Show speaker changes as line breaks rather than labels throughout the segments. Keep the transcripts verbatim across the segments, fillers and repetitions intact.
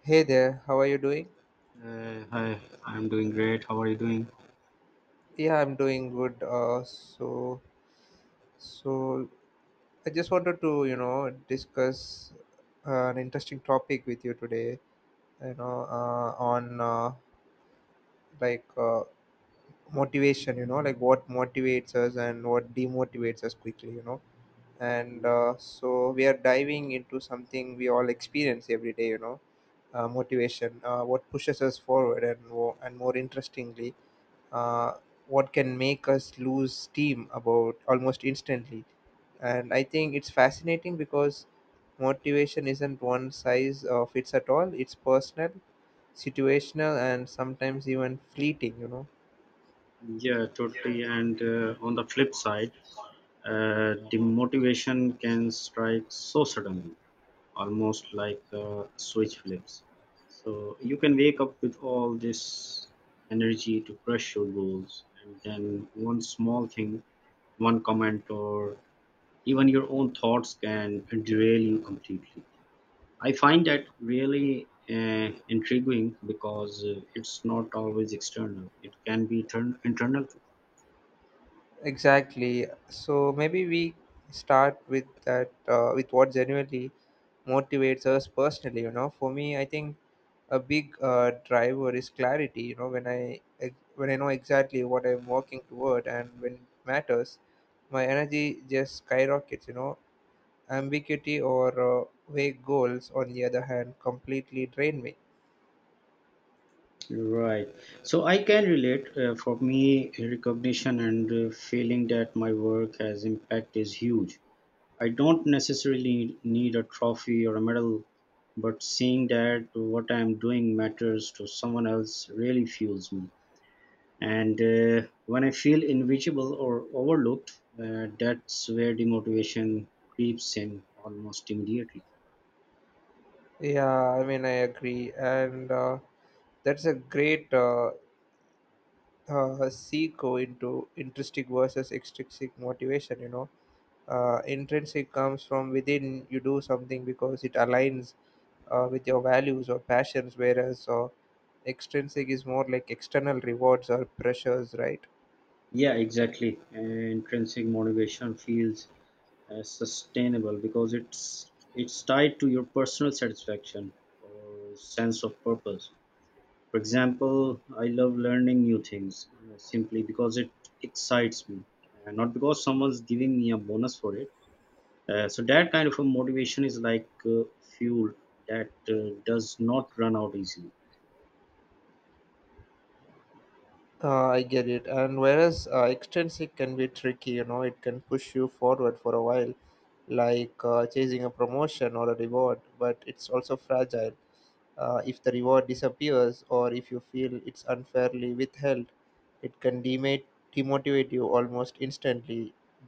Hey there, how are you doing?
Uh, hi, I'm doing great. How are you doing?
Yeah, I'm doing good. Uh, so, so I just wanted to, you know, discuss uh, an interesting topic with you today. You know, uh, on uh, like uh, Motivation. You know, like what motivates us and what demotivates us quickly. You know, and
Yeah,
uh, So we are diving into something we all experience every day. You know, uh, motivation. Uh, what pushes us forward and wo- and more interestingly, uh, what can make us lose steam about almost instantly. And I think it's fascinating because motivation isn't one size uh, fits at all. It's personal, situational, and sometimes even fleeting. You know.
yeah, totally. And uh, on the flip side, uh, demotivation can strike so suddenly, almost like a switch flips. So you can wake up with all this energy to crush your goals, and then one small thing, one comment, or even your own thoughts can derail you completely. I find that really uh, intriguing because uh, it's not always external. It can be turn- internal, too.
Exactly. So maybe we start with that, uh, with what genuinely motivates us personally. You know, for me, I think a big uh, driver is clarity. You know, when I ex- when I know exactly what I'm working toward and when it matters, my energy just skyrockets. You know, ambiguity or uh, vague goals, on the other hand, completely drain me.
Right. So I can relate. Uh, for me, recognition and uh, feeling that my work has impact is huge. I don't necessarily need a trophy or a medal, but seeing that what I'm doing matters to someone else really fuels me. And uh, when I feel invisible or overlooked, uh, that's where demotivation creeps in almost immediately.
Yeah, I mean, I agree, and uh, that's a great uh, uh, seco into intrinsic versus extrinsic motivation. You know, uh, intrinsic comes from within. You do something because it aligns uh, with your values or passions, whereas uh, extrinsic is more like external rewards or pressures, right?
Yeah, exactly, intrinsic motivation feels uh, sustainable because it's it's tied to your personal satisfaction or sense of purpose. For example, I love learning new things uh, simply because it excites me, uh, not because someone's giving me a bonus for it. Uh, so that kind of a motivation is like uh, fuel that uh, does not run out easily.
uh, I get it. And whereas uh, extrinsic can be tricky, you know, it can push you forward for a while, like uh, chasing a promotion or a reward, but it's also fragile. Uh, if the reward disappears or if you feel it's unfairly withheld, it can demate, demotivate you almost instantly.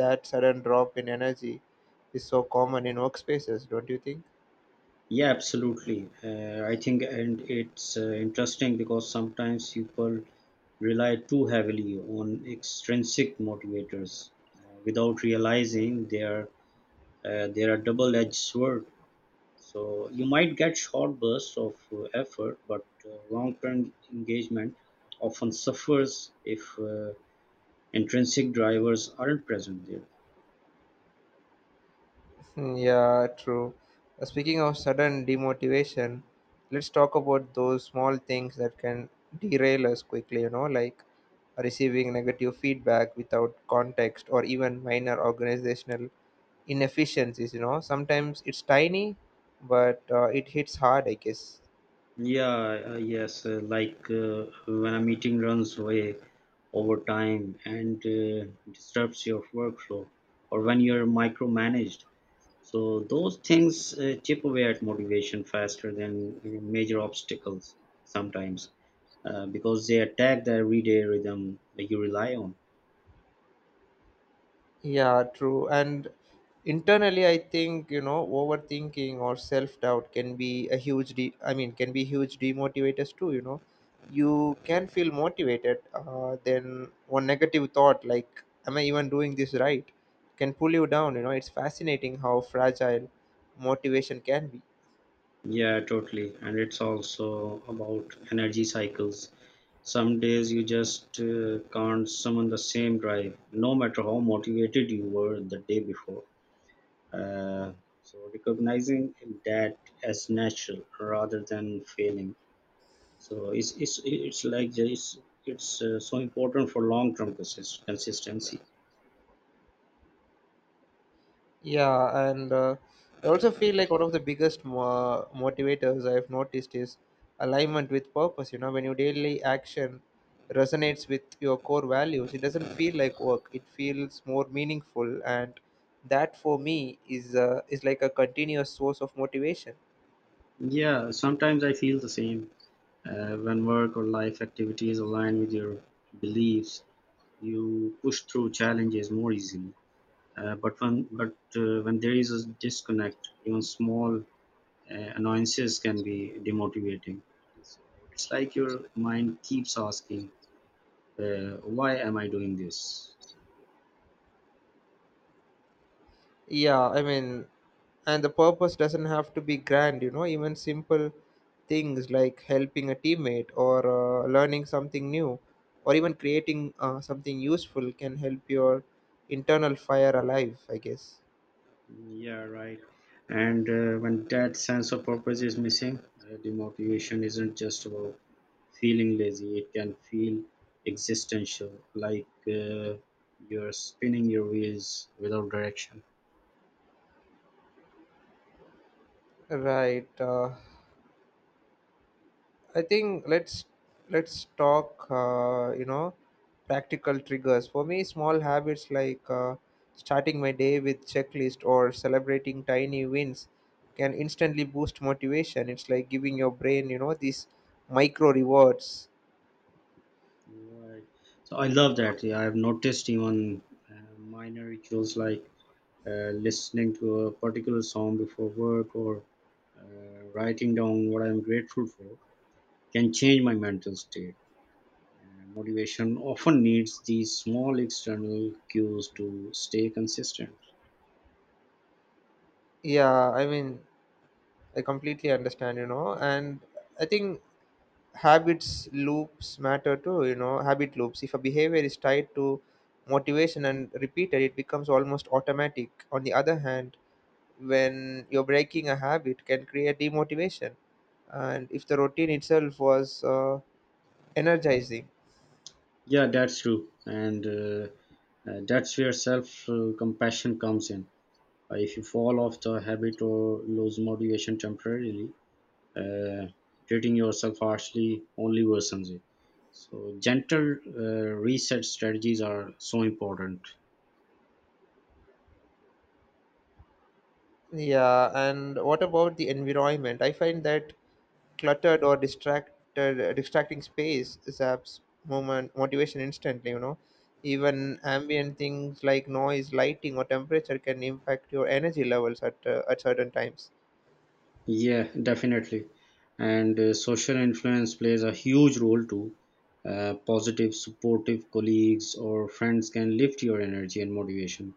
That sudden drop in energy is so common in workspaces, don't you think?
Yeah, absolutely. Uh, I think, and it's uh, interesting because sometimes people rely too heavily on extrinsic motivators uh, without realizing they are uh, they are double-edged sword. So you might get short bursts of uh, effort, but uh, long-term engagement often suffers if uh, intrinsic drivers aren't present there.
Hmm. Yeah, true. Uh, Speaking of sudden demotivation, let's talk about those small things that can derail us quickly, you know, like receiving negative feedback without context or even minor organizational inefficiencies. You know, sometimes it's tiny, but uh, it hits hard, I guess.
Yeah, uh, yes, uh, like uh, when a meeting runs away over time and uh, disrupts your workflow, or when you're micromanaged. So those things uh, chip away at motivation faster than uh, major obstacles sometimes, uh, because they attack the everyday rhythm that you rely on.
Yeah, true. And internally, I think, you know, overthinking or self doubt can be a huge de- I mean can be huge demotivators too. You know, you can feel motivated, uh, then one negative thought, like, am I even doing this right, can pull you down. You know, it's fascinating how fragile motivation can be.
Yeah, totally. And it's also about energy cycles. Some days you just uh, can't summon the same drive, no matter how motivated you were the day before. Uh, so recognizing that as natural rather than failing. So it's it's it's like the- it's it's uh, so important for long term consistency.
Yeah, and uh, I also feel like one of the biggest mo- motivators I've noticed is alignment with purpose. You know, when your daily action resonates with your core values, it doesn't feel like work. It feels more meaningful, and that for me is uh, is like a continuous source of motivation.
Yeah, sometimes I feel the same uh, when work or life activities align with your beliefs, you push through challenges more easily. Uh, but when but uh, when there is a disconnect, even small uh, annoyances can be demotivating. So it's like your mind keeps asking, uh, "Why am I doing this?"
Yeah, I mean, and the purpose doesn't have to be grand. You know, even simple things like helping a teammate or uh, learning something new or even creating uh, something useful can help your internal fire alive, I guess.
Yeah, right. And uh, when that sense of purpose is missing, uh, demotivation isn't just about feeling lazy. It can feel existential, like uh, you're spinning your wheels without direction.
Right. Uh, I think let's let's talk. Uh, you know, practical triggers for me. Small habits like uh, starting my day with checklist or celebrating tiny wins can instantly boost motivation. It's like giving your brain, you know, these micro rewards.
Right. So I love that. Yeah, I've noticed even uh, minor rituals like uh, listening to a particular song before work or uh, writing down what I'm grateful for can change my mental state. Uh, motivation often needs these small external cues to stay consistent.
Yeah, I mean, I completely understand. You know, and I think habits loops matter too. You know, habit loops. If a behavior is tied to motivation and repeated, it becomes almost automatic. On the other hand, when you're breaking a habit can create demotivation, and if the routine itself was uh, energizing.
Yeah, that's true. And uh, uh, that's where self uh, compassion comes in. Uh, if you fall off the habit or lose motivation temporarily, uh, treating yourself harshly only worsens it. So, gentle uh, reset strategies are so important.
Yeah, and what about the environment? I find that cluttered or distracted distracting space zaps moment motivation instantly. You know, even ambient things like noise, lighting, or temperature can impact your energy levels at uh, at certain times.
Yeah, definitely. And uh, social influence plays a huge role too. Uh, positive, supportive colleagues or friends can lift your energy and motivation,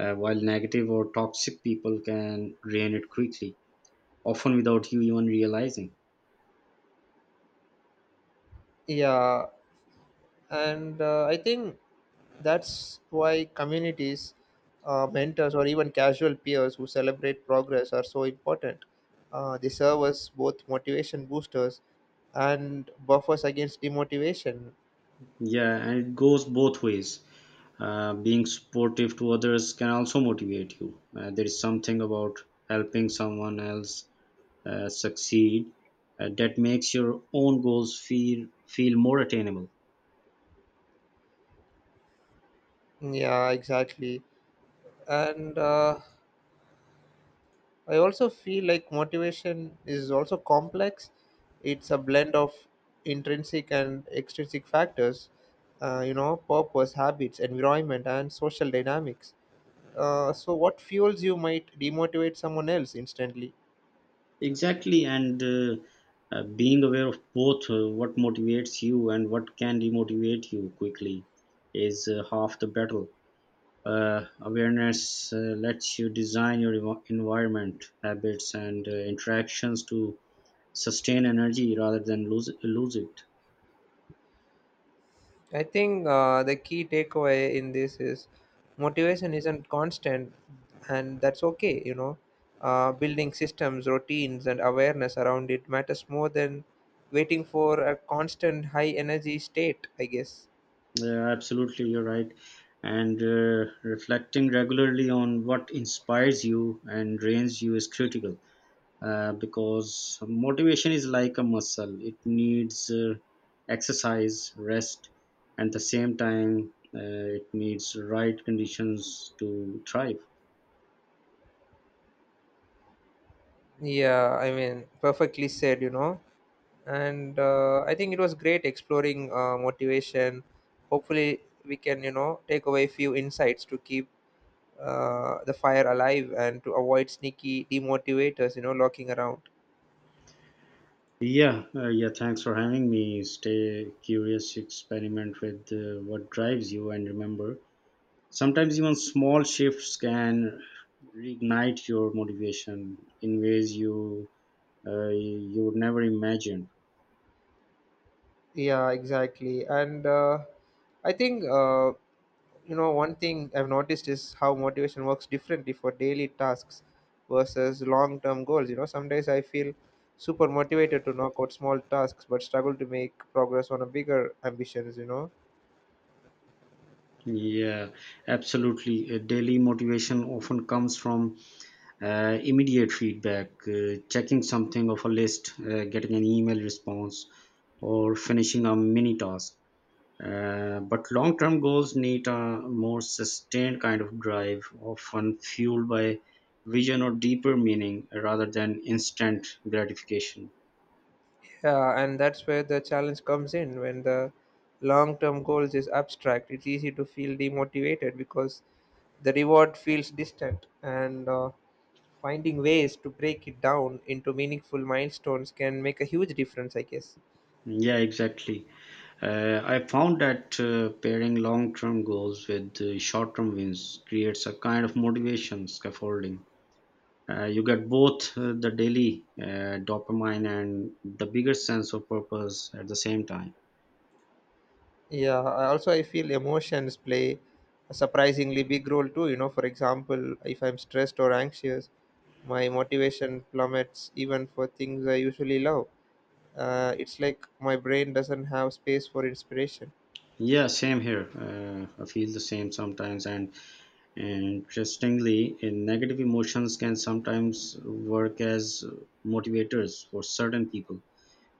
uh, while negative or toxic people can drain it quickly, often without you even realizing.
Yeah, and uh, I think that's why communities, uh, mentors, or even casual peers who celebrate progress are so important. Uh, they serve as both motivation boosters and buffers against demotivation.
Yeah, and it goes both ways. Uh, being supportive to others can also motivate you. Uh, there is something about helping someone else uh, succeed uh, that makes your own goals feel feel more attainable.
Yeah, exactly. And uh, I also feel like motivation is also complex. It's a blend of intrinsic and extrinsic factors, uh, you know, purpose, habits, environment, and social dynamics. Uh, so, what fuels you might demotivate someone else instantly.
Exactly, and uh, uh, being aware of both uh, what motivates you and what can demotivate you quickly is uh, half the battle. Uh, awareness uh, lets you design your envi- environment, habits, and uh, interactions to sustain energy rather than lose lose it.
I think uh, the key takeaway in this is motivation isn't constant, and that's okay. You know, uh, building systems, routines, and awareness around it matters more than waiting for a constant high energy state, I guess.
Yeah, absolutely, you're right. And uh, reflecting regularly on what inspires you and drains you is critical, uh, because motivation is like a muscle. It needs uh, exercise, rest, and at the same time uh, it needs right conditions to thrive.
Yeah, I mean, perfectly said. You know, and uh, I think it was great exploring uh, motivation. Hopefully, we can, you know, take away few insights to keep uh, the fire alive and to avoid sneaky demotivators, you know, locking around.
Yeah uh, yeah thanks for having me. Stay curious, experiment with uh, what drives you, and remember, sometimes even small shifts can reignite your motivation in ways you uh, you would never imagined.
Yeah, exactly. And uh, I think uh, you know, one thing I've noticed is how motivation works differently for daily tasks versus long term goals. You know, some days I feel super motivated to knock out small tasks but struggle to make progress on a bigger ambitions, you know.
Yeah, absolutely. Uh, daily motivation often comes from uh, immediate feedback, uh, checking something off a list, uh, getting an email response, or finishing a mini task. Uh, but long term goals need a more sustained kind of drive, often fueled by vision or deeper meaning rather than instant gratification.
Yeah, and that's where the challenge comes in. When the long term goals is abstract, it's easy to feel demotivated because the reward feels distant. And uh, finding ways to break it down into meaningful milestones can make a huge difference, I guess.
Yeah, exactly. Uh, I found that uh, pairing long term goals with uh, short term wins creates a kind of motivation scaffolding. Uh, you get both uh, the daily uh, dopamine and the bigger sense of purpose at the same time.
Yeah, I- also I feel emotions play a surprisingly big role too. You know, for example, if I'm stressed or anxious, my motivation plummets even for things I usually love. Uh, it's like my brain doesn't have space for inspiration.
Yeah, same here. Uh, I feel the same sometimes. And interestingly, eh, negative emotions can sometimes work as motivators for certain people,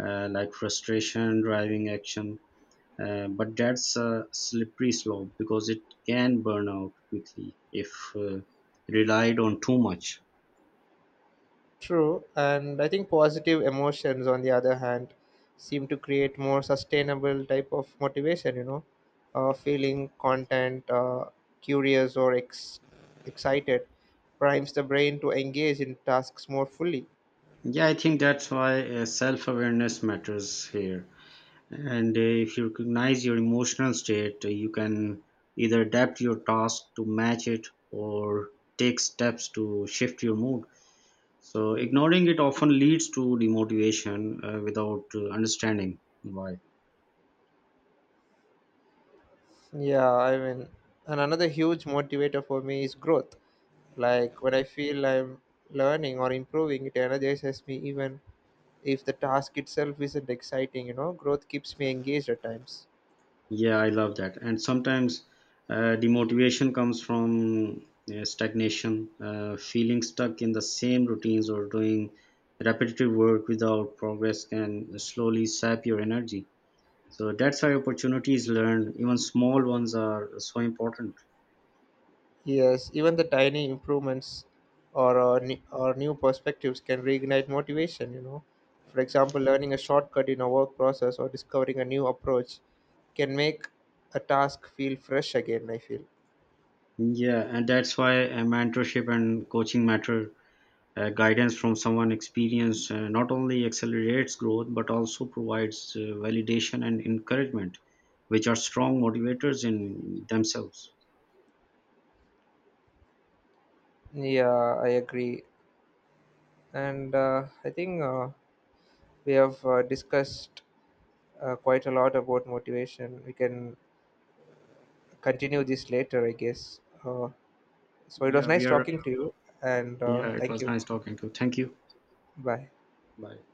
uh, like frustration, driving action. Uh, but that's a slippery slope because it can burn out quickly if uh, relied on too much.
True, and I think positive emotions, on the other hand, seem to create more sustainable type of motivation. You know, uh, feeling content, uh, curious or ex- excited, primes the brain to engage in tasks more fully.
Yeah, I think that's why uh, self awareness matters here. And uh, if you recognize your emotional state, uh, you can either adapt your task to match it or take steps to shift your mood. So, ignoring it often leads to demotivation uh, without uh, understanding why.
Yeah, I mean, and another huge motivator for me is growth. Like when I feel I'm learning or improving, it energizes me even if the task itself isn't exciting. You know, growth keeps me engaged at times.
Yeah, I love that. And sometimes uh, demotivation comes from uh, stagnation, uh, feeling stuck in the same routines or doing repetitive work without progress can slowly sap your energy. So that's why opportunities learned, even small ones, are so important.
Yes, even the tiny improvements or uh, ne- or new perspectives can reignite motivation. You know, for example, learning a shortcut in a work process or discovering a new approach can make a task feel fresh again, I feel.
Yeah, and that's why uh, mentorship and coaching matter. Uh, guidance from someone experienced uh, not only accelerates growth but also provides uh, validation and encouragement, which are strong motivators in themselves.
Yeah, I agree. And uh, I think uh, we have uh, discussed uh, quite a lot about motivation. We can continue this later, I guess. Uh, so it was
Yeah,
nice
we are.
talking to you, and uh,
Yeah, it
thank
was
you.
nice talking to you. Thank you.
Bye.
Bye.